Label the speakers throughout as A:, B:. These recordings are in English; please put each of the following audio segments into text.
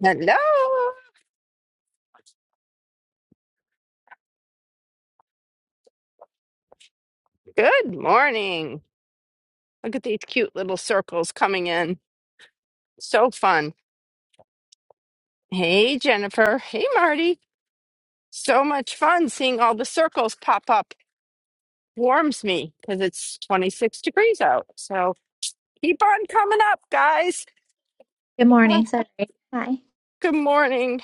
A: Hello. Good morning. Look at these cute little circles coming in. So fun. Hey, Jennifer. Hey, Marty. So much fun seeing all the circles pop up. Warms me because it's 26 degrees out. So keep on coming up, guys.
B: Good
A: Ah,
B: morning. Sorry. Hi.
A: good morning.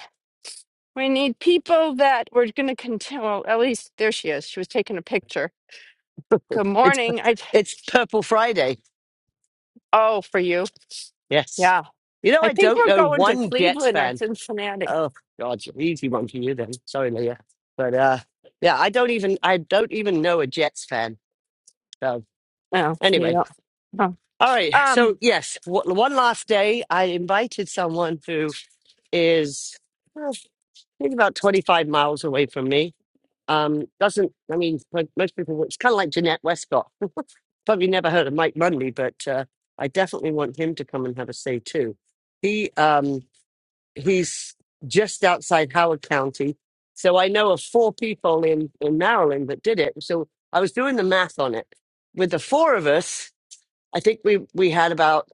A: We need people that we're going to continue. Well, at least there she is. She was taking a picture. Good
C: It's pu-
A: morning. I
C: it's Purple Friday.
A: oh for you.
C: Yes.
A: Yeah.
C: You know,
A: I
C: I
A: think
C: don't
A: we're
C: know
A: going to
C: one Jets
A: Cleveland or
C: fan.
A: Cincinnati.
C: Oh God, easy one for you then. Sorry, Leah. But uh, yeah, I don't even I don't even know a Jets fan. So
A: Oh, you
C: anyway,
A: don't. Oh.
C: all right. So
A: Um,
C: yes, w- one last day. I invited someone who is well, I think about twenty five miles away from me. Um, doesn't I mean mo- most people? It's kind of like Jeanette Westcott probably never heard of Mike Mundy, but uh, I definitely want him to come and have a say too. He um, he's just outside Howard County, so I know of four people in in Maryland that did it. So I was doing the math on it. With the four of us, I think we we had about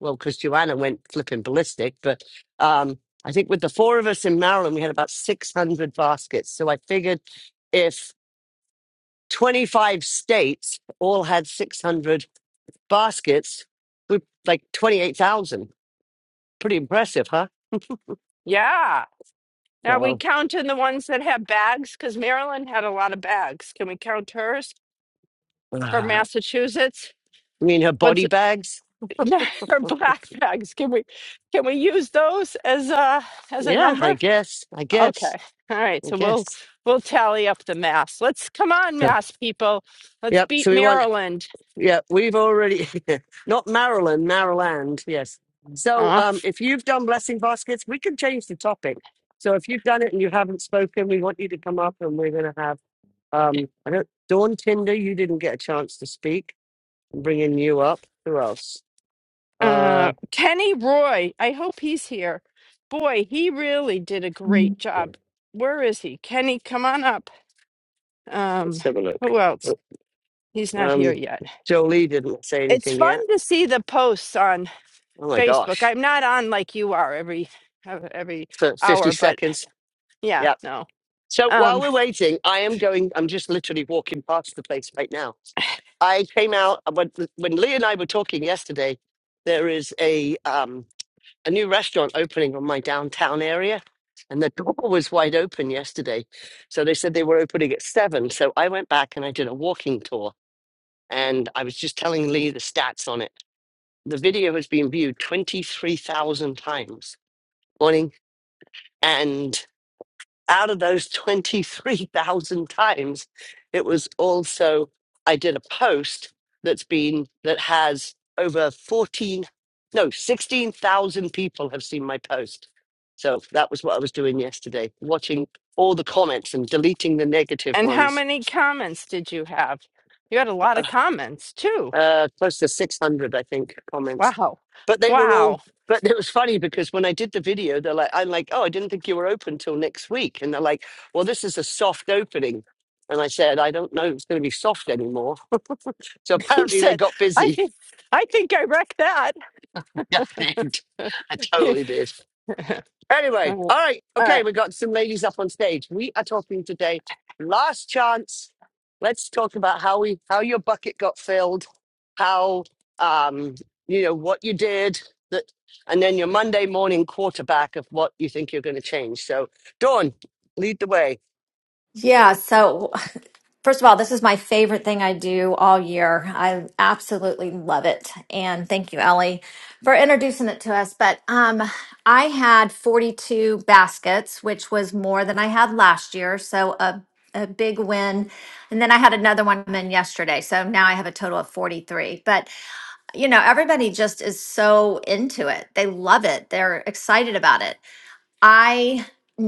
C: well, because Joanna went flipping ballistic, but um, I think with the four of us in Maryland, we had about six hundred baskets. So I figured if twenty five states all had six hundred baskets with like 28,000. Pretty impressive, huh?
A: yeah. Are we
C: So,
A: counting the ones that have bags? Because Maryland had a lot of bags. Can we count hers
C: uh,
A: for
C: I
A: Massachusetts?
C: mean, her
A: What's
C: body
A: it-
C: bags.
A: her black bags? Can we can we use those as a as a
C: Yeah, I
A: number?
C: guess. I guess.
A: Okay. All right.
C: I
A: So we'll
C: guess.
A: we'll tally up the mass. Let's come on,
C: So,
A: mass people. Let's
C: yep.
A: beat
C: So we want,
A: Maryland.
C: yeah, we've already, not Maryland, Maryland. Yes. So um, if you've done blessing baskets, we can change the topic. So if you've done it and you haven't spoken, we want you to come up and we're going to have, um, I don't, Dawn Tinder, you didn't get a chance to speak. I'm bringing you up. Who else? Uh,
A: Uh, Kenny Roy, I hope he's here. Boy, he really did a great job. Where is he? Kenny, come on up.
C: Let's
A: Um,
C: have a look.
A: who else? He's not here
C: Um,
A: yet.
C: Jolie didn't say
A: It's
C: anything
A: fun
C: yet.
A: to see the posts on
C: Oh my
A: Facebook.
C: gosh.
A: I'm not on like you are every uh, every
C: For 50
A: hour, but
C: seconds.
A: yeah,
C: Yeah.
A: no.
C: So while
A: Um,
C: we're waiting, I am going, I'm just literally walking past the place right now. I came out uh, when, when Lee and I were talking yesterday. There is a um, a new restaurant opening on my downtown area, and the door was wide open yesterday. So they said they were opening at seven. So I went back and I did a walking tour, and I was just telling Lee the stats on it. the video has been viewed 23,000 times. Morning. And out of those 23,000 times, it was also, I did a post that's been, that has over 14, no, 16,000 people have seen my post. So that was what I was doing yesterday, watching all the comments and deleting the negative
A: and how
C: ones.
A: many comments did you have? You had a lot of comments too.
C: uh, close to 600, I think, comments.
A: Wow.
C: But they were all,
A: Wow.
C: but it was funny because when I did the video, they're like, I'm like, oh, I didn't think you were open till next week. And they're like, well, this is a soft opening. And I said, I don't know if it's going to be soft anymore. So
A: He
C: apparently they
A: said,
C: got
A: I
C: busy.
A: think I think I wrecked that.
C: Yeah, they did. I totally did.
A: I
C: Anyway, all right. Okay,
A: right.
C: we got some ladies up on stage. We are talking today. Last chance. Let's talk about how we how your bucket got filled how um, you know what you did that and then your monday morning quarterback of what you think you're going to change so dawn lead the way
D: Yeah, so first of all, this is my favorite thing I do all year. I absolutely love it. And thank you, Ellie, for introducing it to us. But um, I had 42 baskets, which was more than I had last year. So a, a big win. And then I had another one in yesterday. So now I have a total of 43. But, you know, everybody just is so into it. They love it, they're excited about it. I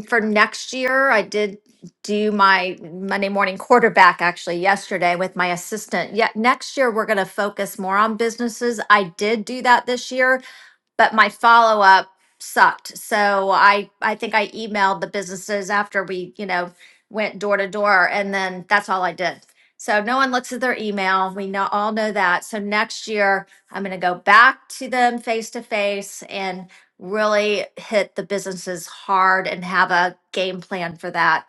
D: for next year, I did do my Monday morning quarterback actually yesterday with my assistant. Yet next year we're going to focus more on businesses. I did do that this year but my follow up sucked. So I I think I emailed the businesses after we, you know, went door to door and then that's all I did. So no one looks at their email. We know all know that. So next year I'm going to go back to them face to face and really hit the businesses hard and have a game plan for that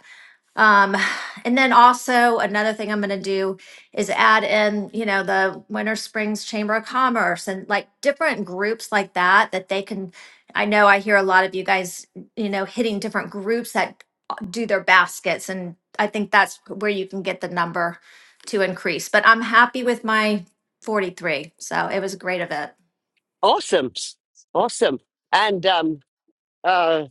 D: um, and then also another thing I'm going to do is add in, you know, the Winter Springs Chamber of Commerce and like different groups like that that they can. I know I hear a lot of you guys, you know, hitting different groups that do their baskets, and I think that's where you can get the number to increase. But I'm happy with my 43, so it was a great event.
C: awesome awesome and um, uh,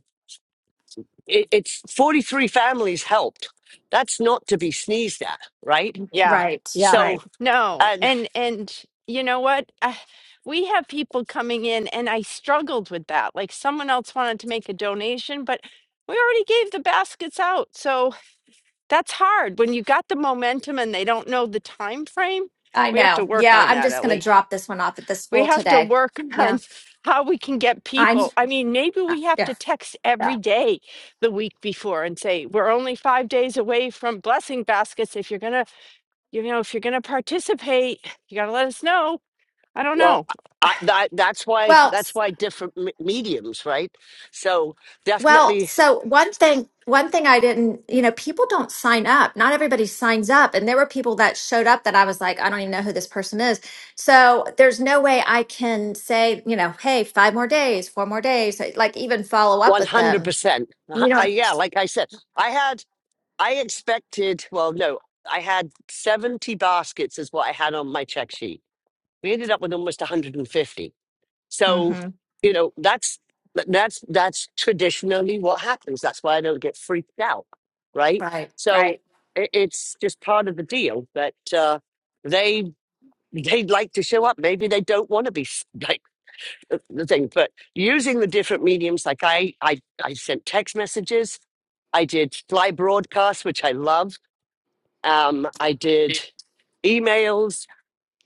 C: it, it's 43 families helped that's not to be sneezed at right
A: Yeah.
D: Right,
A: Yeah.
C: so
D: right.
A: No.
C: and
A: And and you know what? Uh, we have people coming in and I struggled with that. Like someone else wanted to make a donation, but we already gave the baskets out. So that's hard when you got the momentum and they don't know the time frame.
D: I
A: We have to
D: know.
A: work
D: Yeah,
A: on
D: I'm
A: that,
D: just going to
A: Ellie.
D: drop this one off at the
A: We
D: school
A: have to
D: today.
A: work
D: Yeah,
A: on how we can get
D: I.
A: people. I mean, maybe we have
D: Yeah,
A: to text
D: yeah.
A: every day the week before and say, we're only five days away from blessing baskets. If you're going to you know, if you're going to participate, you got to let us know. I don't
C: well
A: know.
C: I, that, that's why
D: Well,
C: that's why different me- mediums right so
D: well,
C: definitely
D: so one thing, one thing I didn't, you know, people don't sign up. Not everybody signs up. And there were people that showed up that I was like, I don't even know who this person is. So there's no way I can say, you know, hey, five more days, four more days, like even follow up with them.
C: 100%
D: You
C: Uh,
D: know,
C: yeah like i said i had I expected, well, no, I had 70 baskets, is what I had on my check sheet. We ended up with almost 150. So,
D: mm-hmm.
C: you know, that's that's that's traditionally what happens. That's why I don't get freaked out, right?
D: right,
C: So
D: right,
C: it, it's just part of the deal that uh, they they'd like to show up. Maybe they don't want to be s- like uh, the thing, but using the different mediums, like I I I sent text messages. I did fly broadcasts, which I love. Um, I did emails,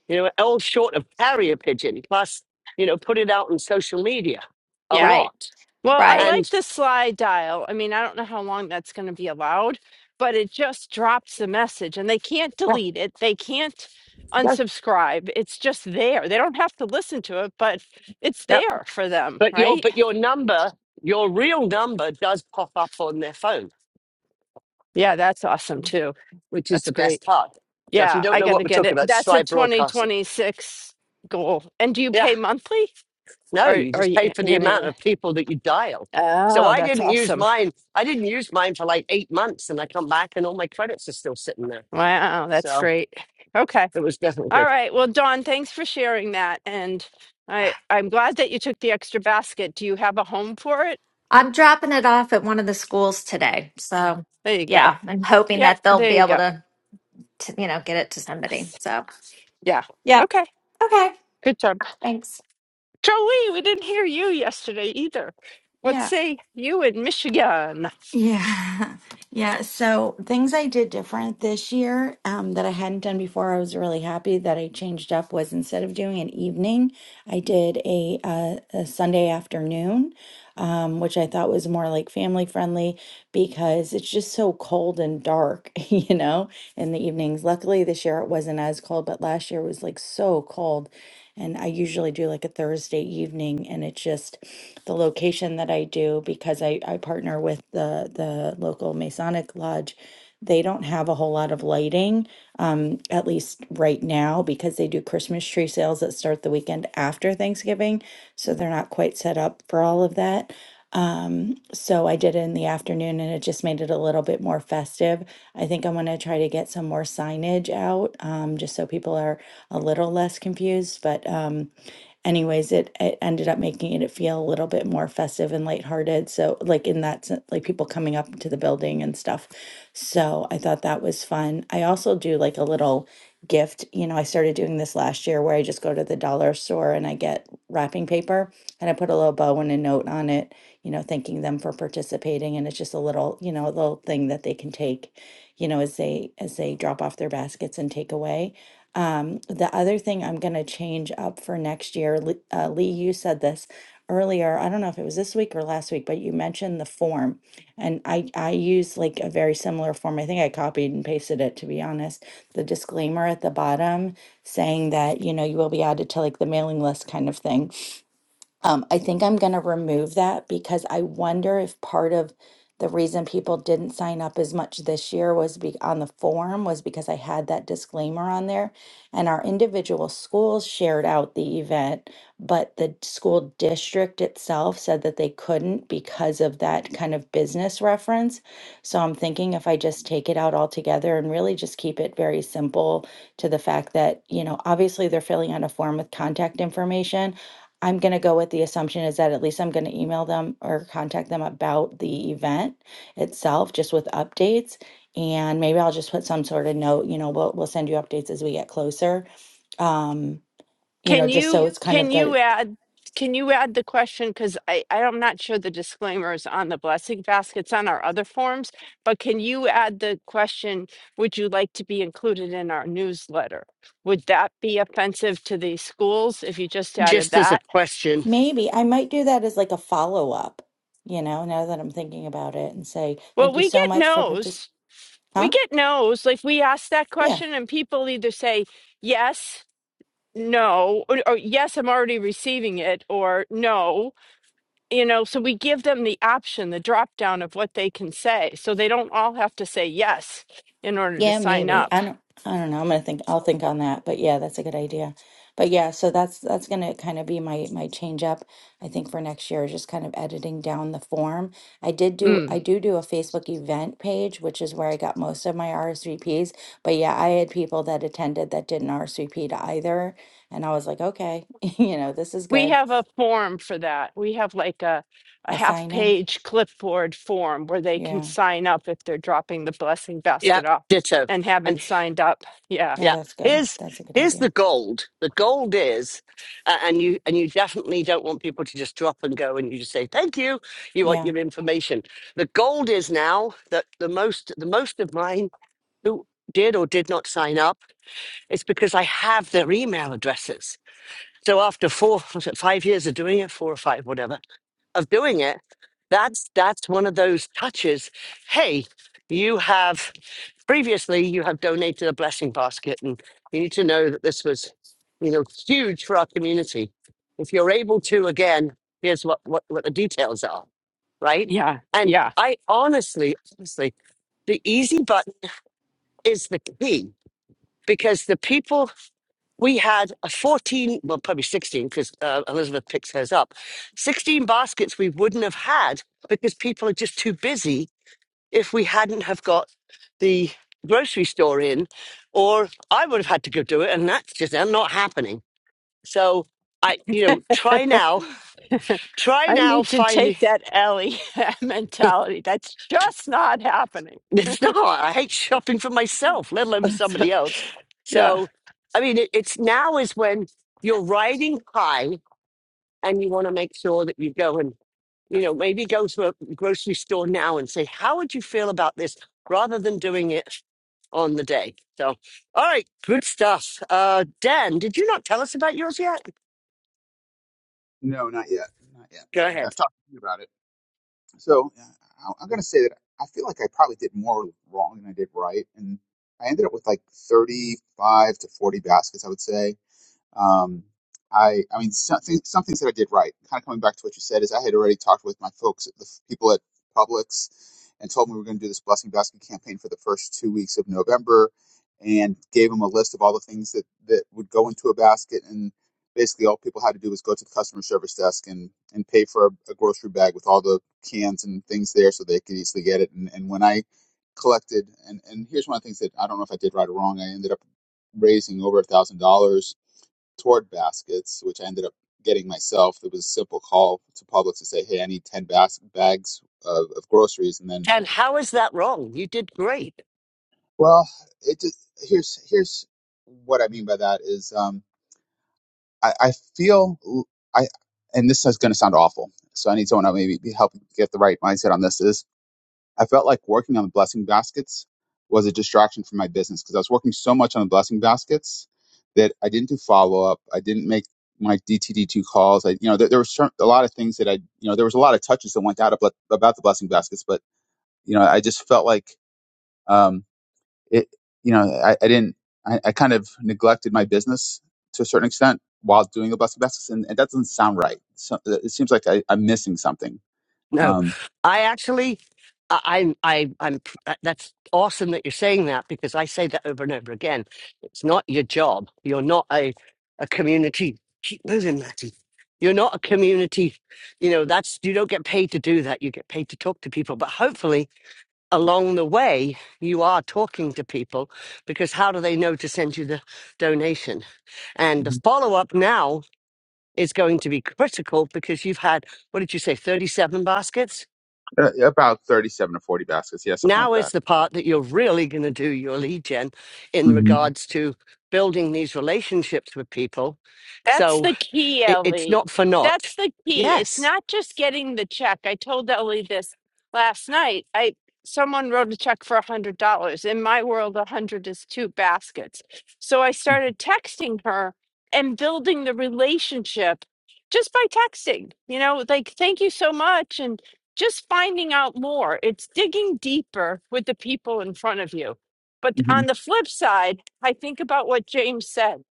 C: you know, all short of carrier pigeon, plus, you know, put it out on social media a
A: Yeah.
D: right,
C: lot.
A: Well, I
D: right.
A: like
C: And
A: the slide dial. I mean, I don't know how long that's going to be allowed, but it just drops the message and they can't
C: oh,
A: delete it. They can't
C: yeah,
A: unsubscribe. It's just there. They don't have to listen to it, but it's
C: yeah.
A: there for them,
C: But your
A: right?
C: but your number, your real number does pop up on their phone,
A: Yeah, that's awesome too.
C: which is
A: That's
C: the
A: great.
C: best part. So if you
A: Yeah,
C: don't
A: I
C: know
A: got
C: what
A: to
C: we're
A: get
C: talking
A: it.
C: about,
A: That's a
C: Sly Broadcaster.
A: 2026 goal. And do you
C: Yeah,
A: pay monthly
C: no,
A: or
C: you
A: or
C: just
A: you
C: pay for the amount
A: annually?
C: of people that you dial. So
A: Oh,
C: I
A: that's
C: didn't use
A: awesome.
C: mine. I didn't use mine for like eight months, and I come back and all my credits are still sitting there.
A: Wow, that's
C: So
A: great. Okay.
C: it was definitely
A: All
C: good.
A: right. Well, Dawn, thanks for sharing that. And I I'm glad that you took the extra basket. Do you have a home for it?
D: I'm dropping it off at one of the schools today. So,
A: There you go.
D: yeah, I'm hoping
A: Yep,
D: that they'll
A: there
D: be
A: you
D: able
A: go.
D: to, to you know, get it to somebody.
A: Yes.
D: So,
A: Yeah.
D: yep.
A: Okay.
D: Okay.
A: Good job.
D: Thanks.
A: Joey, we didn't hear you yesterday either. What
E: Yeah.
A: say you in Michigan?
E: Yeah. Yeah. So things I did different this year um, that I hadn't done before, I was really happy that I changed up was instead of doing an evening, I did a, uh, a Sunday afternoon, um, which I thought was more like family friendly because it's just so cold and dark, you know, in the evenings. Luckily this year it wasn't as cold, but last year was like so cold. And I usually do like a Thursday evening, and it's just the location that I do because I, I partner with the, the local Masonic Lodge. They don't have a whole lot of lighting, um, at least right now, because they do Christmas tree sales that start the weekend after Thanksgiving. So they're not quite set up for all of that. Um, so I did it in the afternoon and it just made it a little bit more festive. I think I'm going to try to get some more signage out, um, just so people are a little less confused, but um, anyways, it, it ended up making it feel a little bit more festive and lighthearted. So, like in that sense, like people coming up to the building and stuff. So, I thought that was fun. I also do like a little gift. You know, I started doing this last year where I just go to the dollar store and I get wrapping paper and I put a little bow and a note on it, you know, thanking them for participating. And it's just a little, you know, a little thing that they can take, you know, as they as they drop off their baskets and take away. Um, the other thing I'm going to change up for next year, Lee- uh, Lee, you said this earlier. I don't know if it was this week or last week, but you mentioned the form, and I I use like a very similar form. I think I copied and pasted it to be honest. The disclaimer at the bottom saying that you know you will be added to like the mailing list kind of thing um, I think I'm going to remove that because I wonder if part of the reason people didn't sign up as much this year was be on the form was because I had that disclaimer on there and our individual schools shared out the event, but the school district itself said that they couldn't because of that kind of business reference. So I'm thinking if I just take it out altogether and really just keep it very simple to the fact that, you know, obviously they're filling out a form with contact information I'm going to go with the assumption is that at least I'm going to email them or contact them about the event itself, just with updates. And maybe I'll just put some sort of note, you know, we'll, we'll send you updates as we get closer. Um, you know,
A: Can
E: just so
A: you
E: it's kind
A: can
E: of
A: you
E: the,
A: add can you add the question? Because I I'm not sure the disclaimer is on the blessing baskets on our other forms, but can you add the question? Would you like to be included in our newsletter? Would that be offensive to the schools if you just added
C: just as a
A: that?
C: question.
E: maybe I might do that as like a follow up, you know, now that I'm thinking about it and say,
A: Well,
E: thank you
A: we
E: so
A: get
E: much for participating.
A: no's. We
E: Huh?
A: get no's. Like we ask that
E: Yeah.
A: question, and people either say yes, no, or, or yes, I'm already receiving it, or no. you know, so we give them the option, the drop down of what they can say. So they don't all have to say yes in order to
E: Yeah,
A: sign
E: maybe.
A: up.
E: I don't I don't know. I'm gonna think I'll think on that. But yeah, that's a good idea. But yeah, so that's that's gonna kind of be my my change up, I think, for next year, is just kind of editing down the form. I did do I
A: Mm.
E: do do a Facebook event page, which is where I got most of my RSVPs. But yeah, I had people that attended that didn't RSVP to either. And I was like, okay, you know, this is
A: We
E: good.
A: have a form for that. We have like a, a
E: A
A: half
E: sign in.
A: page clipboard form where they can
E: Yeah.
A: sign up if they're dropping the blessing
C: Yeah,
A: basket off
C: ditto.
A: and
C: And
A: haven't signed up. Yeah,
E: Oh,
C: yeah,
E: that's good.
C: here's
E: That's a good
C: here's the
E: idea.
C: gold. The gold is, uh, and you and you definitely don't want people to just drop and go, and you just say thank you. You want
E: Yeah.
C: your information. The gold is now that the most the most of mine who did or did not sign up it's because I have their email addresses. So after four, was it five years of doing it, four or five, whatever, of doing it that's that's one of those touches hey you have previously you have donated a blessing basket and you need to know that this was you know huge for our community if you're able to again here's what what, what the details are right
A: yeah,
C: and
A: yeah.
C: i honestly honestly the easy button is the key because the people we had a 14, well, probably 16, because uh, Elizabeth picks hers up, 16 baskets we wouldn't have had because people are just too busy if we hadn't have got the grocery store in, or I would have had to go do it, and that's just not happening. So I, you know, try now, try
A: I
C: now
A: need to
C: finding,
A: take that Ellie mentality. That's just not happening.
C: it's not, I hate shopping for myself, let alone for somebody else.
A: yeah.
C: So, I mean, it, it's now is when you're riding high and you want to make sure that you go and you know, maybe go to a grocery store now and say, how would you feel about this rather than doing it on the day? So, all right, good stuff. Uh, Dan, did you not tell us about yours yet?
F: No, not yet. Not yet.
C: Go
F: I- I've
C: ahead.
F: talked to you about it. So uh, I- I'm going to say that I feel like I probably did more wrong than I did right. And I ended up with like 35 to 40 baskets, I would say. Um, I, I mean, something, some things that I did right, kind of coming back to what you said, is I had already talked with my folks, the f- people at Publix, and told them we were going to do this blessing basket campaign for the first two weeks of November, and gave them a list of all the things that that would go into a basket, and basically all people had to do was go to the customer service desk and and pay for a, a grocery bag with all the cans and things there, so they could easily get it. And and when I collected, and and here's one of the things that I don't know if I did right or wrong, I ended up raising over a $1,000 toward baskets, which I ended up getting myself. It was a simple call to Publix to say, "Hey, I need ten bas- bags of, of groceries," and then,
C: Dan, how is that wrong? You did great.
F: well, it just here's here's what I mean by that is um, I, I feel I and this is going to sound awful, so I need someone to maybe be help get the right mindset on this. Is I felt like working on the blessing baskets was a distraction from my business because I was working so much on the blessing baskets that I didn't do follow up. I didn't make my DTD2 calls. I, you know, there, there were certain, a lot of things that I, you know, there was a lot of touches that went out about, about the blessing baskets, but you know, I just felt like, um, it, you know, I, I didn't, I, I kind of neglected my business to a certain extent while doing the blessing baskets. And, and that doesn't sound right. So uh, it seems like I, I'm missing something
C: No,
F: um,
C: I actually, I, I'm, I, I'm. That's awesome that you're saying that because I say that over and over again. It's not your job. You're not a, a community. Keep moving, Matty. You're not a community. You know that's you don't get paid to do that. You get paid to talk to people. But hopefully, along the way, you are talking to people because how do they know to send you the donation? And the
F: Mhm.
C: follow up now is going to be critical because you've had what did you say, 37 baskets?
F: Uh, yeah, about 37 to 40 baskets. Yeah, something like
C: Now is
F: that.
C: the part that you're really going to do your lead gen in
F: Mhm.
C: regards to building these relationships with people.
A: That's
C: So
A: the key,
C: it, it's
A: Ellie.
C: not for naught.
A: That's the key. It's
C: Yes.
A: not just getting the check. I told Ellie this last night. I someone wrote a check for a hundred dollars. In my world, a hundred is two baskets. So I
F: Mhm.
A: started texting her and building the relationship just by texting. You know, like thank you so much and just finding out more. It's digging deeper with the people in front of you. But on
F: Mhm.
A: the flip side, I think about what James said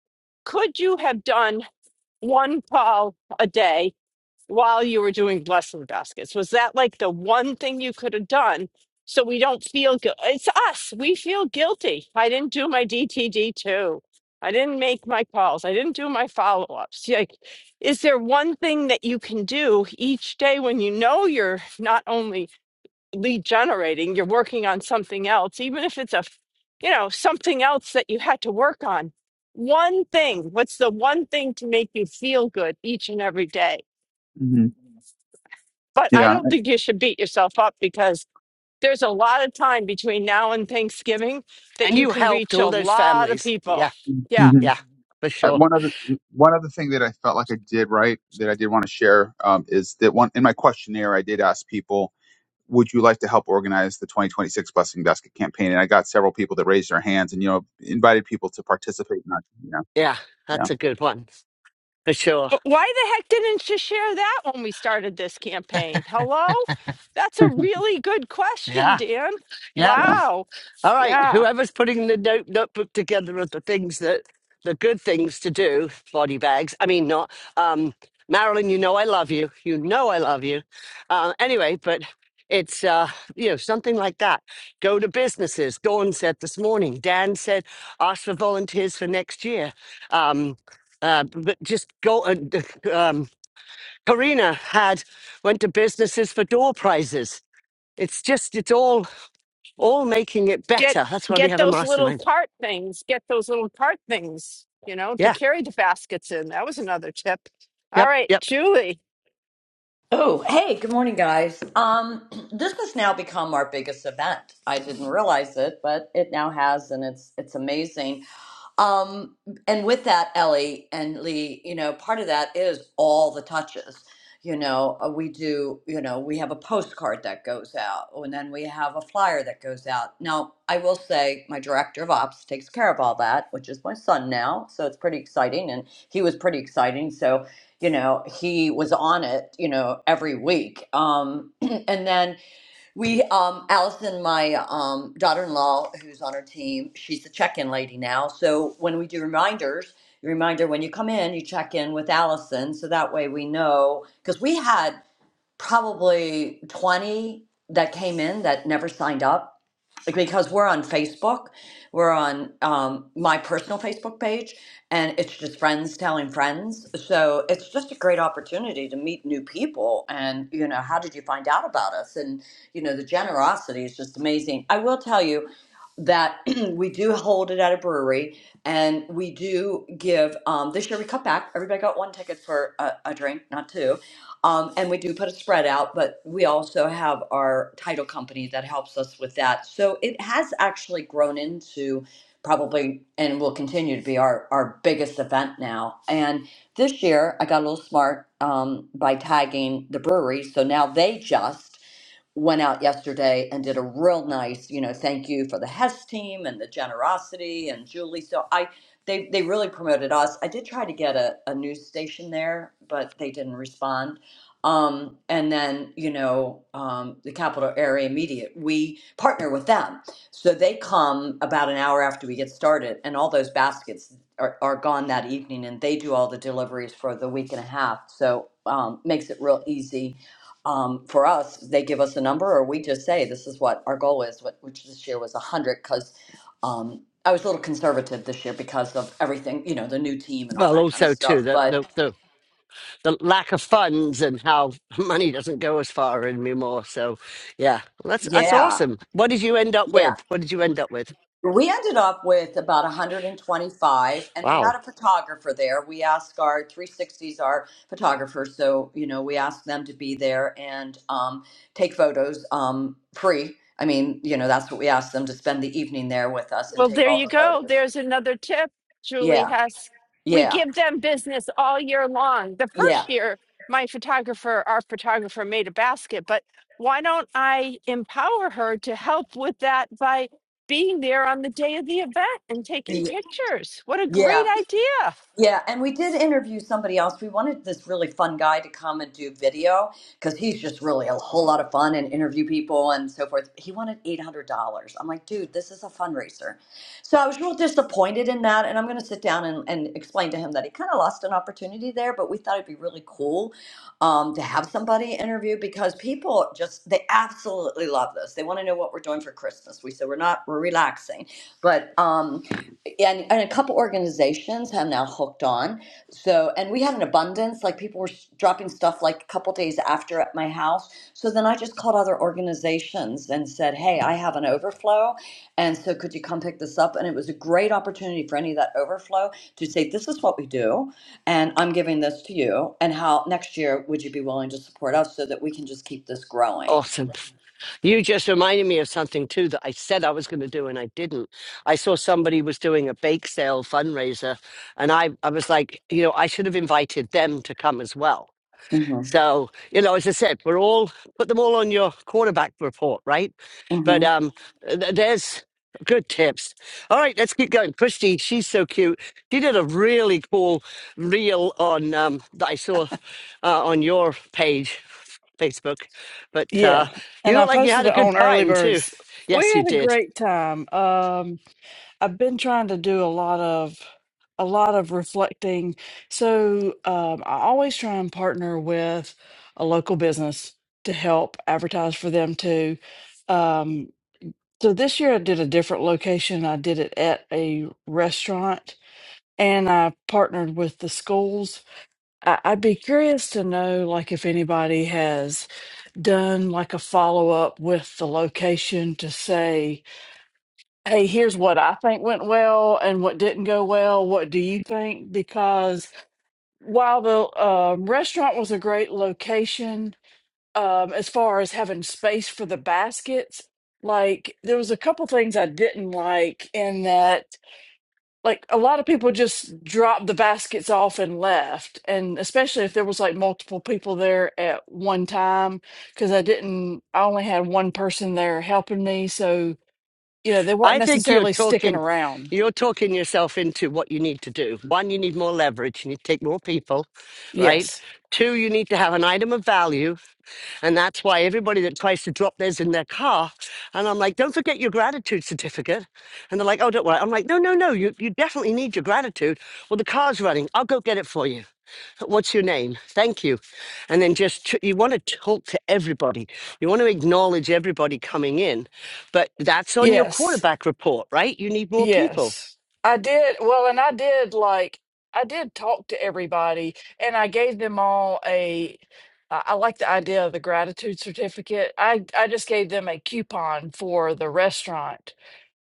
A: could you have done one call a day while you were doing blessing baskets? Was that like the one thing you could have done so we don't feel guilty? It's us. We feel guilty. I didn't do my DTD too. I didn't make my calls. I didn't do my follow ups. Like, is there one thing that you can do each day when you know you're not only lead generating, you're working on something else, even if it's a, f- you know, something else that you had to work on. One thing, what's the one thing to make you feel good each and every day?
F: Mhm.
A: But I don't think you should beat yourself up because there's a lot of time between now and Thanksgiving that
C: And
A: you
C: you
A: can
C: helped
A: reach
C: all
A: a
C: those
A: lot of
C: families.
A: people.
C: Yeah.
F: yeah.
A: Yeah.
C: Yeah. For
F: Uh,
C: sure.
F: one other one other thing that I felt like I did right that I did want to share um, is that one in my questionnaire I did ask people, would you like to help organize the 2026 Blessing Basket campaign? And I got several people that raised their hands and you know invited people to participate. Not yeah
C: Yeah.
F: yeah
C: That's a good one. For sure.
A: But why the heck didn't you share that when we started this campaign? Hello? That's a really good question,
C: Yeah.
A: Dan.
C: Yeah.
F: yeah.
A: Wow.
C: All right,
A: Yeah.
C: whoever's putting the note, notebook together of the things that the good things to do, body bags. I mean, not um, Marilyn. You know I love you. You know I love you. Uh, anyway, but it's uh, you know something like that. Go to businesses. Dawn said this morning. Dan said ask for volunteers for next year. Um, uh, but just go. And, um, Karina had went to businesses for door prizes. It's just it's all all making it
A: get
C: better. That's why we
A: get
C: have a
A: those little
C: mastermind.
A: cart things get those little cart things you know to
C: Yeah.
A: carry the baskets in that was another tip all
C: Yep.
A: right
C: Yep.
A: julie
G: Oh, hey, good morning, guys. Um, this has now become our biggest event. I didn't realize it, but it now has, and it's it's amazing. Um, and with that, Ellie and Lee, you know, part of that is all the touches. You know, uh, we do, you know, we have a postcard that goes out, oh, and then we have a flyer that goes out. Now, I will say my director of ops takes care of all that, which is my son now. So it's pretty exciting. And he was pretty exciting. So, you know, he was on it, you know, every week. Um, and then we, um, Allison, my um, daughter-in-law, who's on our team, she's the check-in lady now. So when we do reminders, reminder when you come in, you check in with Allison, so that way we know because we had probably twenty that came in that never signed up like, because we're on Facebook, we're on um, my personal Facebook page, and it's just friends telling friends. So it's just a great opportunity to meet new people. And you know, how did you find out about us? And you know, the generosity is just amazing. I will tell you that we do hold it at a brewery, and we do give. Um, this year we cut back. Everybody got one ticket for a, a drink, not two um, and we do put a spread out, but we also have our title company that helps us with that. So it has actually grown into probably and will continue to be our, our biggest event now. And this year I got a little smart um, by tagging the brewery. So now they just went out yesterday and did a real nice, you know, thank you for the Hess team and the generosity and Julie. So I they they really promoted us. I did try to get a, a news station there, but they didn't respond. Um, and then, you know, um, the capital area media, we partner with them. So they come about an hour after we get started and all those baskets are, are gone that evening and they do all the deliveries for the week and a half. So um, makes it real easy um, for us, they give us a number, or we just say, this is what our goal is, what- which this year was 100, because um, I was a little conservative this year because of everything, you know, the new team and all
C: Well,
G: that kind of
C: also too
G: stuff.
C: the
G: But
C: the the, the lack of funds and how money doesn't go as far anymore. So, yeah, Well, that's that's
G: yeah,
C: awesome. What did you end up
G: yeah.
C: with? What did you end up with?
G: We ended up with about 125, and we had
C: Wow.
G: a photographer there. We asked our 360s, our photographers, so, you know, we asked them to be there and um, take photos um, free. I mean, you know, that's what we asked them to spend the evening there with us and
A: well
G: take
A: there
G: all
A: you
G: the
A: go
G: photos.
A: there's another tip julie
G: Yeah.
A: has we
G: Yeah,
A: give them business all year long the
G: yeah,
A: first year my photographer our photographer made a basket but why don't i empower her to help with that by being there on the day of the event and taking
G: y-
A: pictures what a great
G: yeah,
A: idea
G: yeah. And we did interview somebody else. We wanted this really fun guy to come and do video because he's just really a whole lot of fun and interview people and so forth. He wanted $800. I'm like, dude, this is a fundraiser. So I was real disappointed in that. And I'm going to sit down and, and explain to him that he kind of lost an opportunity there, but we thought it'd be really cool um, to have somebody interview because people just, they absolutely love this. They want to know what we're doing for Christmas. We said, we're not, we're relaxing. But, um, and, and a couple organizations have now hooked on. So, and we had an abundance, like people were s- dropping stuff like a couple days after at my house. So then I just called other organizations and said, Hey, I have an overflow. And so could you come pick this up? And it was a great opportunity for any of that overflow to say, This is what we do. And I'm giving this to you. And how next year would you be willing to support us so that we can just keep this growing?
C: Awesome. You just reminded me of something too that I said I was going to do and I didn't. I saw somebody was doing a bake sale fundraiser and I, I was like, you know, I should have invited them to come as well
G: hmm
C: So, you know, as I said, we're all put them all on your quarterback report, right? But
G: hmm
C: um th- there's good tips. All right, let's keep going. Christy, she's so cute. She did a really cool reel on um that I saw uh, on your page, Facebook. But uh
H: Yeah,
C: you
H: and
C: look
H: I
C: like you had
H: posted
C: a
H: it
C: good
H: on Early
C: time too.
H: Birds. We
C: Yes, you
H: had a
C: did.
H: great time. Um, I've been trying to do a lot of a lot of reflecting. So um, I always try and partner with a local business to help advertise for them too. Um, so this year I did a different location. I did it at a restaurant, and I partnered with the schools I- I'd be curious to know, like, if anybody has done like a follow up with the location to say, hey, here's what I think went well and what didn't go well. What do you think? Because while the uh, restaurant was a great location, um, as far as having space for the baskets, like, there was a couple things I didn't like in that like a lot of people just dropped the baskets off and left and especially if there was like multiple people there at one time because i didn't i only had one person there helping me so you know they weren't
C: I think you're
H: necessarily sticking
C: talking,
H: around
C: you're talking yourself into what you need to do. One, you need more leverage. You need to take more people, right?
H: yes
C: Two, you need to have an item of value, and that's why everybody that tries to drop theirs in their car, and I'm like, don't forget your gratitude certificate, and they're like, oh, don't worry. I'm like, no, no, no, you you definitely need your gratitude. Well, the car's running. I'll go get it for you what's your name? Thank you. And then just tr- you want to talk to everybody. You want to acknowledge everybody coming in, but that's on your
H: yes
C: quarterback report, right? You need more people.
H: Yes, I did. Well, and I did like I did talk to everybody, and I gave them all a. I I like the idea of the gratitude certificate. I I just gave them a coupon for the restaurant.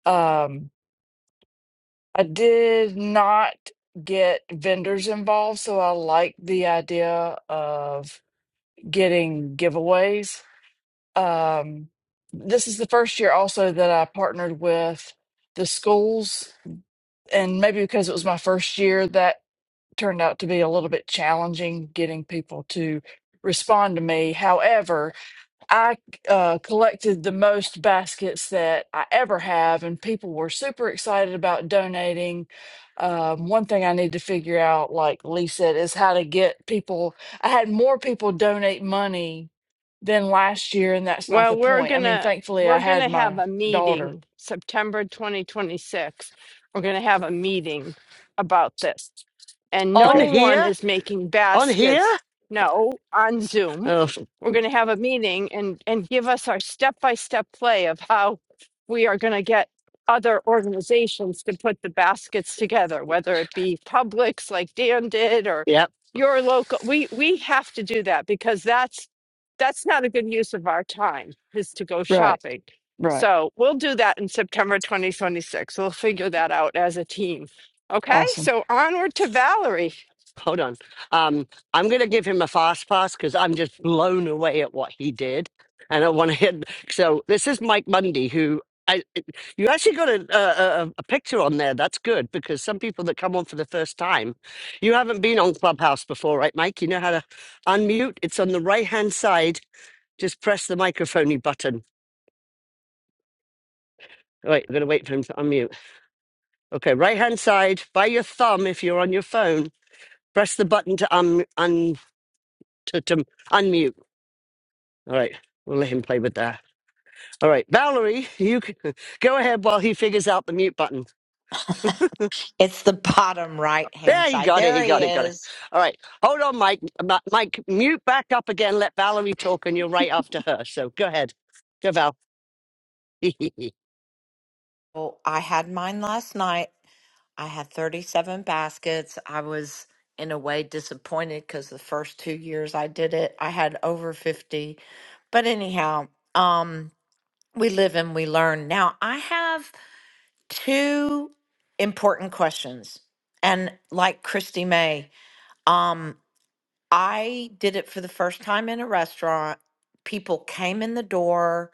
H: Um, I did not get vendors involved, so I like the idea of getting giveaways. Um, this is the first year also that I partnered with the schools and maybe because it was my first year, that turned out to be a little bit challenging getting people to respond to me. However, I uh, collected the most baskets that I ever have, and people were super excited about donating. Um, one thing I need to figure out, like Lee said, is how to get people. I had more people donate money than last year, and that's not
A: Well,
H: the
A: we're
H: point. I mean,
A: gonna
H: thankfully, I
A: we're
H: had
A: gonna have
H: my
A: a
H: daughter.
A: meeting September 2026. We're gonna have a meeting about this and
C: On
A: no
H: Okay.
A: one
C: here?
A: is making
C: On here?
A: baskets. No, on Zoom,
C: Oh,
A: we're going to have a meeting and and give us our step by step play of how we are going to get other organizations to put the baskets together, whether it be Publix like Dan did or
C: yeah.
A: your local. We we have to do that because that's that's not a good use of our time is to go
H: Right.
A: shopping.
H: Right.
A: So we'll do that in September 2026. We'll figure that out as a team Okay,
H: Awesome.
A: so onward to Valerie.
C: hold on. Um, I'm going to give him a fast pass because I'm just blown away at what he did, and I want to hit. So this is Mike Mundy, who I you actually got a, a a a picture on there. That's good because some people that come on for the first time, you haven't been on Clubhouse before, right, Mike? You know how to unmute. It's on the right hand side. Just press the microphone button. All right, I'm going to wait for him to unmute. Okay, right hand side by your thumb if you're on your phone. Press the button to un, un to, to unmute All right, we'll let him play with that. All right, Valerie, you can go ahead while he figures out the mute button.
I: It's the bottom right
J: I,
I: hand
C: There, he
I: side.
C: got it.
I: There
C: He
I: he
C: got it. Got it.
I: is.
C: All right, hold on, Mike. Ma- Mike, mute back up again. Let Valerie talk, and you're right after her. So go ahead, go Val.
I: Oh, I had mine last night. I had 37 baskets. I was in a way disappointed because the first two years I did it, I had over 50. But anyhow, um, we live and we learn. Now, I have two important questions. And like Christy May, um, I did it for the first time in a restaurant. People came in the door.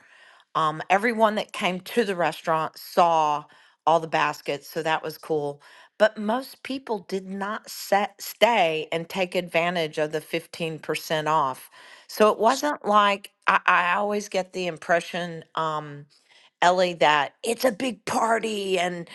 I: Um, everyone that came to the restaurant saw all the baskets, so that was cool. But most people did not set, stay and take advantage of the 15% off. So it wasn't like I, I always get the impression, um, Ellie, that it's a big party and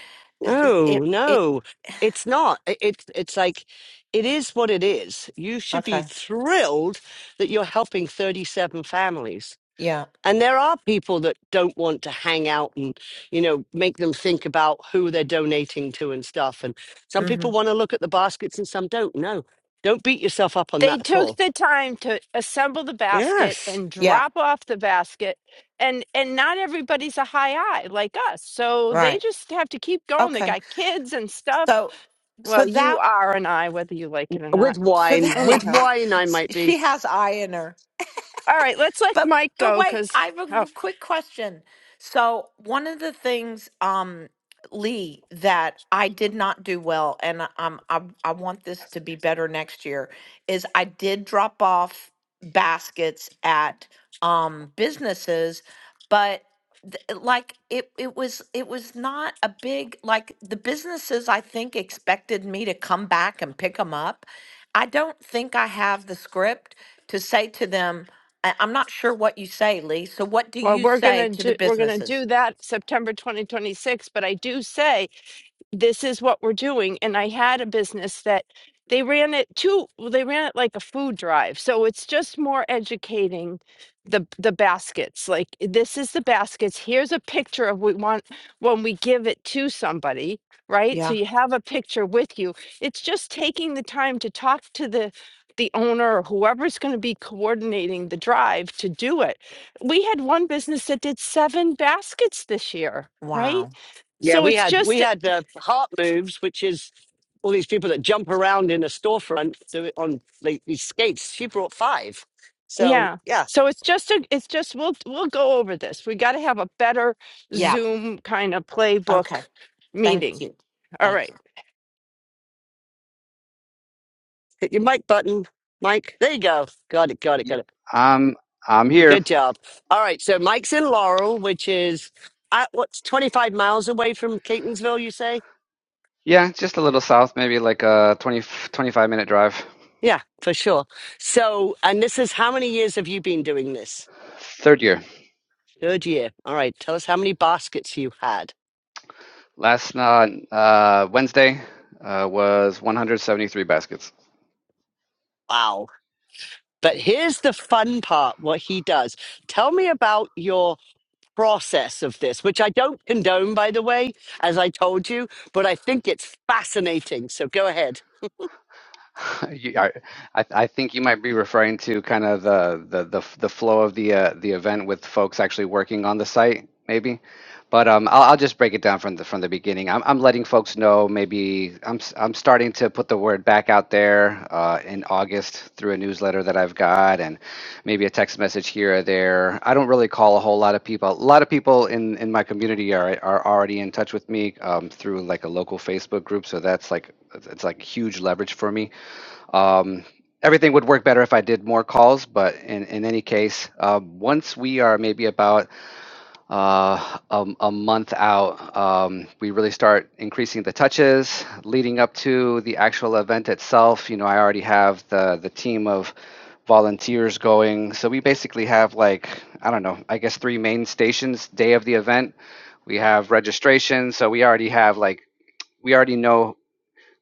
I: it,
C: no,
I: it, it
C: no, it's not. I- It's it's like it is what it is. You should be
I: okay.
C: thrilled that you're helping 37 families
I: Yeah.
C: And there are people that don't want to hang out and, you know, make them think about who they're donating to and stuff. And some
I: Mm-hmm.
C: people want to look at the baskets and some don't. No, don't beat yourself up on
A: They
C: that at
A: took
C: all.
A: the time to assemble the basket
C: Yes.
A: and
I: Yeah.
A: drop off the basket, and and not everybody's a high eye like us, so they
I: Right.
A: just have to keep going. They
I: Okay.
A: got kids and stuff.
I: So, so
A: Well, you
I: that,
A: are an eye, whether you like it or
C: With
A: not.
I: so
C: wine, with
A: Anyhow,
I: that
C: wine, I might be.
I: she has eye in her.
A: all right, let's let
I: But
A: Mike
I: but
A: go
I: wait,
A: because
I: I have
A: oh
I: a quick question. So one of the things, um, Lee, that I did not do well, and I- um, I I want this to be better next year, is I did drop off baskets at um businesses, but th- like it it was it was not a big like the businesses I think expected me to come back and pick them up. I don't think I have the script to say to them I, I'm not sure what you say, Lee. So what do
A: well,
I: you
A: we're
I: say
A: gonna
I: to the
A: do we're gonna
I: businesses?
A: do that September 2026. But I do say this is what we're doing. And I had a business that they ran it too, well, they ran it like a food drive. So it's just more educating the the baskets. Like this is the baskets. Here's a picture of we want when we give it to somebody, right? So
I: Yeah.
A: you have a picture with you. It's just taking the time to talk to the the owner or whoever's going to be coordinating the drive to do it. We had one business that did seven baskets this year, right?
I: Wow.
C: Yeah,
A: So
C: we
A: it's
C: had, we
A: just
C: had the heart moves, which is all these people that jump around in a storefront do it on like, these skates. She brought five. So
A: Yeah.
C: yeah,
A: So it's just a, it's just we'll we'll go over this. We got to have a better
I: Yeah.
A: Zoom kind of
I: Okay.
A: playbook
I: Thank
A: meeting.
I: you.
A: All
I: Thank
A: right.
I: you.
C: hit your mic button, Mike. There you go. Got it, got it,
J: yeah,
C: got it.
J: I'm I'm here.
C: Good job. All right, so Mike's in Laurel, which is at what's 25 miles away from Catonsville, you say?
J: Yeah, just a little south, maybe like a 20 25 minute drive.
C: Yeah, for sure. So, and this is how many years have you been doing this?
J: Third year.
C: Third year. All right, tell us how many baskets you had.
J: Last uh, uh, Wednesday uh, was 173 baskets.
C: Wow. But here's the fun part what he does. Tell me about your process of this, which I don't condone, by the way, as I told you, but I think it's fascinating. So go ahead.
J: You, I, I I think you might be referring to kind of the the the, f- the flow of the uh, the event with folks actually working on the site, maybe. But um, I'll, I'll just break it down from the from the beginning. I'm, I'm letting folks know. Maybe I'm s- I'm starting to put the word back out there uh, in August through a newsletter that I've got, and maybe a text message here or there. I don't really call a whole lot of people. A lot of people in in my community are are already in touch with me um, through like a local Facebook group, so that's like it's like huge leverage for me um, everything would work better if I did more calls, but in, in any case, um, once we are maybe about uh, a, a month out, um, we really start increasing the touches leading up to the actual event itself. You know, I already have the, the team of volunteers going. So we basically have like, I don't know, I guess three main stations day of the event. We have registration. So we already have like, we already know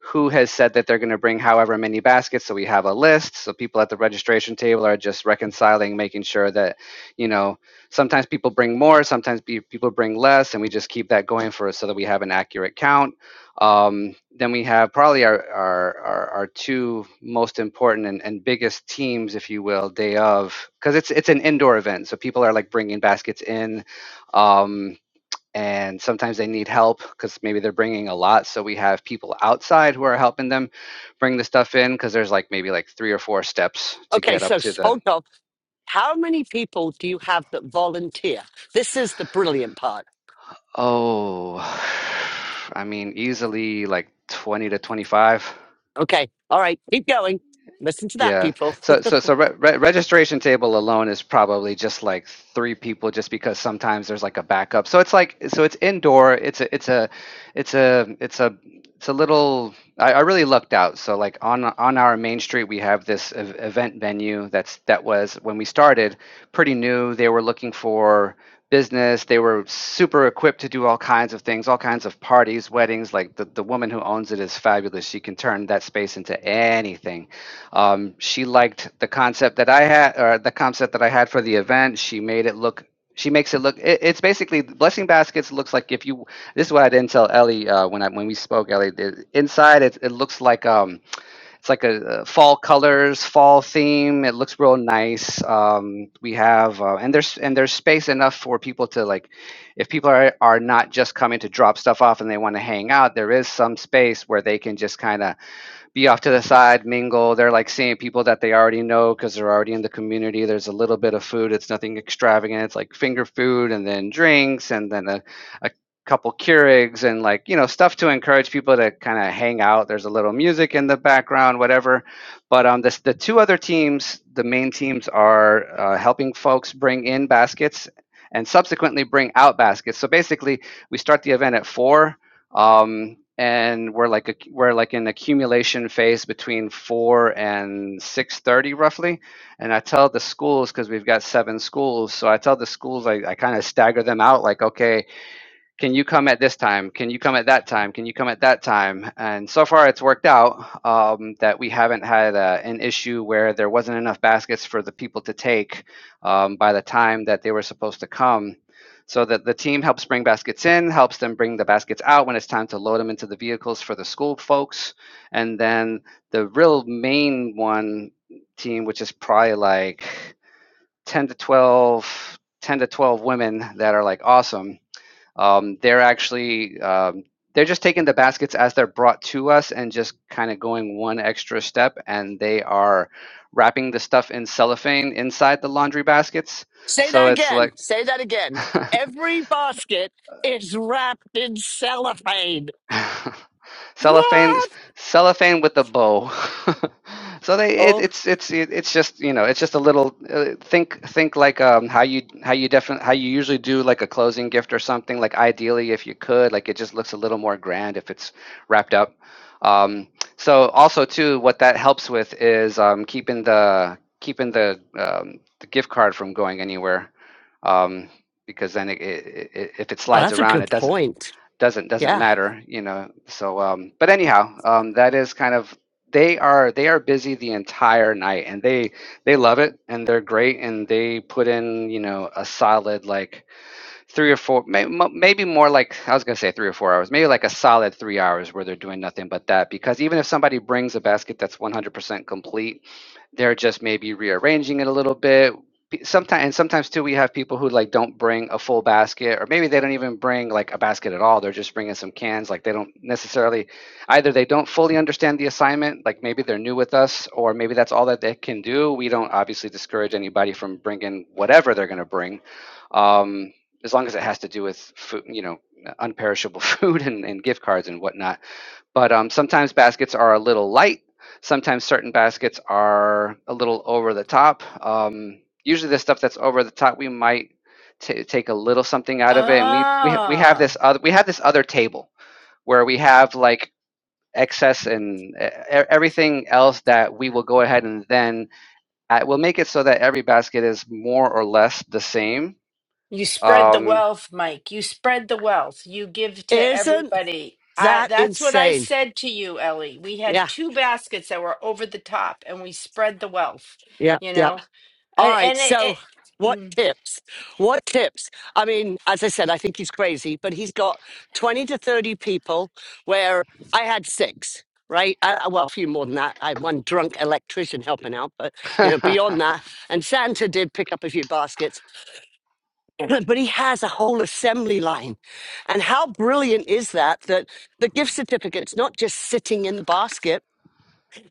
J: who has said that they're going to bring however many baskets so we have a list so people at the registration table are just reconciling making sure that you know sometimes people bring more sometimes pe- people bring less and we just keep that going for us so that we have an accurate count um, then we have probably our, our, our, our two most important and, and biggest teams, if you will, day of, because it's it's an indoor event, so people are like bringing baskets in. Um, and sometimes they need help because maybe they're bringing a lot so we have people outside who are helping them bring the stuff in because there's like maybe like three or four steps to
C: Okay,
J: get
C: so
J: up to
C: s-
J: the
C: hold on. How many people do you have that volunteer? This is the brilliant part.
J: oh i mean easily like 20 to 25
C: Okay. All right. Keep going. Listen to that,
J: Yeah.
C: people.
J: So so so re re registration table alone is probably just like three people just because sometimes there's like a backup. So it's like so it's indoor. It's a it's a it's a it's a it's a little I, I really lucked out. So like on on our main street we have this ev- event venue that's that was when we started pretty new. They were looking for business. They were super equipped to do all kinds of things, all kinds of parties, weddings. Like the, the woman who owns it is fabulous. She can turn that space into anything um, she liked the concept that I had, or the concept that I had for the event. She made it look. She makes it look. It, it's basically blessing baskets. Looks like if you. This is what I didn't tell Ellie uh, when I when we spoke. Ellie, the- inside it, it looks like um, it's like a, uh fall colors, fall theme. It looks real nice. Um, we have uh, and there's and there's space enough for people to like, if people are are not just coming to drop stuff off and they want to hang out, there is some space where they can just kind of be off to the side, mingle. They're like seeing people that they already know because they're already in the community. There's a little bit of food. It's nothing extravagant. It's like finger food and then drinks and then a, a couple Keurigs and like, you know, stuff to encourage people to kind of hang out. There's a little music in the background, whatever. But um, this, the two other teams, the main teams are uh, helping folks bring in baskets and subsequently bring out baskets. So basically, we start the event at four um, and we're like a, we're like in accumulation phase between 4 and 6.30 roughly and i tell the schools because we've got seven schools so i tell the schools i, I kind of stagger them out like okay can you come at this time? Can you come at that time? Can you come at that time? And so far, it's worked out um, that we haven't had uh an issue where there wasn't enough baskets for the people to take um, by the time that they were supposed to come. So that the team helps bring baskets in, helps them bring the baskets out when it's time to load them into the vehicles for the school folks. And then the real main one team, which is probably like 10 to 12, 10 to 12 women that are like awesome um, they're actually um, they're just taking the baskets as they're brought to us and just kind of going one extra step, and they are wrapping the stuff in cellophane inside the laundry baskets.
C: Say
J: So
C: that
J: it's
C: again.
J: like
C: Say that again. Every basket is wrapped in cellophane.
J: cellophane
C: What?
J: cellophane with a bow so they it,
C: Oh, oh
J: it's it's it's just you know it's just a little uh, think think like um how you how you defin how you usually do like a closing gift or something like ideally if you could like it just looks a little more grand if it's wrapped up um so also too what that helps with is um keeping the keeping the um the gift card from going anywhere um because then it, it, it, if it slides
C: that's a
J: around
C: good
J: it doesn't
C: point.
J: doesn't doesn't
C: Yeah.
J: matter you know so um but anyhow um that is kind of they are they are busy the entire night and they they love it and they're great and they put in you know a solid like three or four may, mo- maybe more like i was going to say three or four hours maybe like a solid three hours where they're doing nothing but that because even if somebody brings a basket that's 100% complete they're just maybe rearranging it a little bit sometimes and sometimes too we have people who like don't bring a full basket or maybe they don't even bring like a basket at all they're just bringing some cans like they don't necessarily either they don't fully understand the assignment like maybe they're new with us or maybe that's all that they can do we don't obviously discourage anybody from bringing whatever they're going to bring um, as long as it has to do with food you know unperishable food and, and gift cards and whatnot but um, sometimes baskets are a little light. Sometimes certain baskets are a little over the top. Um, usually, the stuff that's over the top, we might ta take a little something out of it, and we we we have
A: Ah,
J: this other we have this other table where we have like excess and e- e- everything else that we will go ahead and then uh, we'll make it so that every basket is more or less the same.
A: you spread the
J: Um,
A: wealth, Mike. You spread the wealth. You give to
C: Isn't
A: everybody. I
C: that
A: that's what I
C: insane?
A: said to you, Ellie. We had
C: Yeah.
A: two baskets that were over the top and we spread the wealth,
C: Yeah.
A: you
C: Yeah.
A: know?
C: All
A: And
C: right.
A: and it, it
C: So, what
A: mm.
C: tips? What tips? I mean, as I said, I think he's crazy, but he's got 20 to 30 people where I had six, right? I, I- well, a few more than that. I had one drunk electrician helping out, but, you know, beyond that. And Santa did pick up a few baskets, but he has a whole assembly line. And how brilliant is that? That the gift certificate's not just sitting in the basket.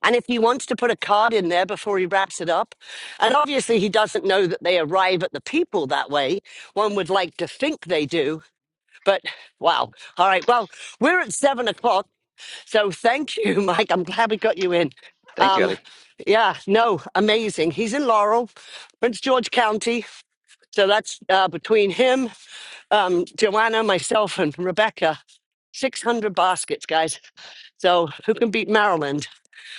C: And if he wants to put a card in there before he wraps it up, and obviously he doesn't know that they arrive at the people that way, one would like to think they do, but wow. All right, well, we're at seven o'clock, so thank you, Mike. I'm glad we got you in.
J: thank you,
C: Um,
J: Ellie.
C: yeah, no, amazing. He's in Laurel, Prince George County. So that's uh, between him, um, Joanna, myself, and Rebecca. 600 baskets, guys. So who can beat Maryland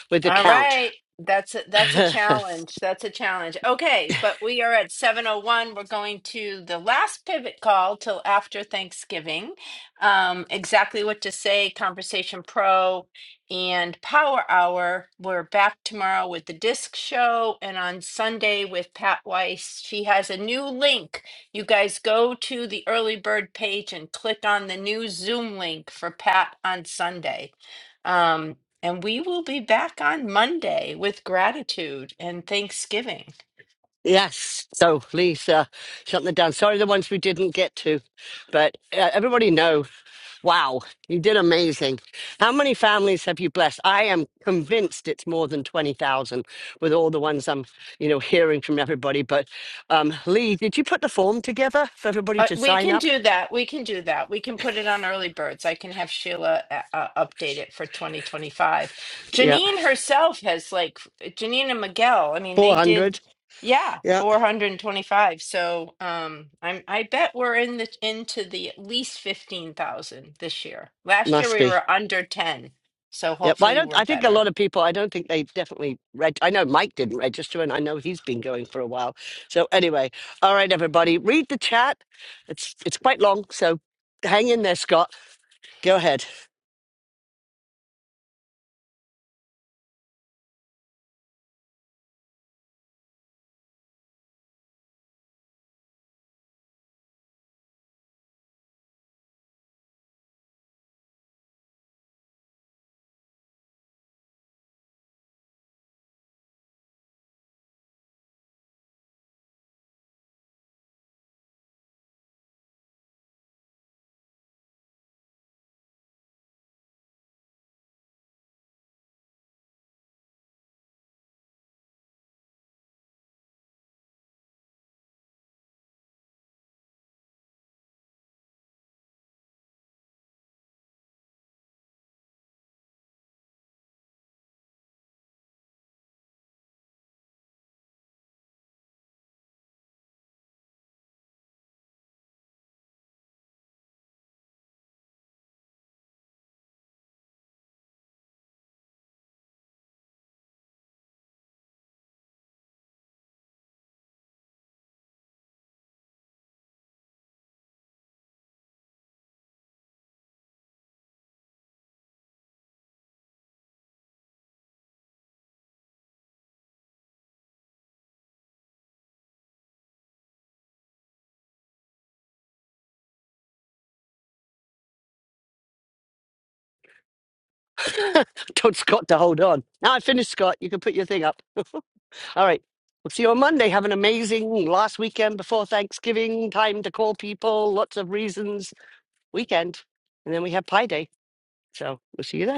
C: with the
A: All
C: count?
A: right. That's a, that's a challenge. That's a challenge. Okay, but we are at 701. We're going to the last pivot call till after Thanksgiving. Um, exactly what to say, Conversation Pro and Power Hour. We're back tomorrow with the disc show and on Sunday with Pat Weiss. She has a new link. You guys go to the early bird page and click on the new Zoom link for Pat on Sunday. Um, and we will be back on Monday with gratitude and Thanksgiving.
C: Yes. So please uh, shut them down. Sorry, the ones we didn't get to, but uh, everybody know. Wow, you did amazing. How many families have you blessed? I am convinced it's more than twenty thousand with all the ones I'm, you know, hearing from everybody. But um, Lee, did you put the form together for everybody
A: But
C: to
A: we
C: sign
A: can
C: up?
A: do that. We can do that. We can put it on early birds. I can have Sheila uh, uh, update it for 2025.
C: Yeah,
A: Janine herself has like Janine and Miguel. I mean,
C: four
A: they did
C: hundred.
A: yeah,
C: Yeah,
A: 425. So, um I'm I bet we're in the into the at least 15,000 this year. Last year
C: must
A: we
C: be.
A: were under 10. So
C: Yeah, but I
A: hopefully
C: don't.
A: we're
C: I think a
A: better.
C: lot of people. I don't think they definitely read. I know Mike didn't register, and I know he's been going for a while. So anyway, all right, everybody, read the chat. It's it's quite long, so hang in there, Scott. Go ahead. Told Scott to hold on. Now I finished, Scott. You can put your thing up. All right. We'll see you on Monday. Have an amazing last weekend before Thanksgiving. Time to call people. Lots of reasons. Weekend, and then we have Pie Day. So we'll see you then.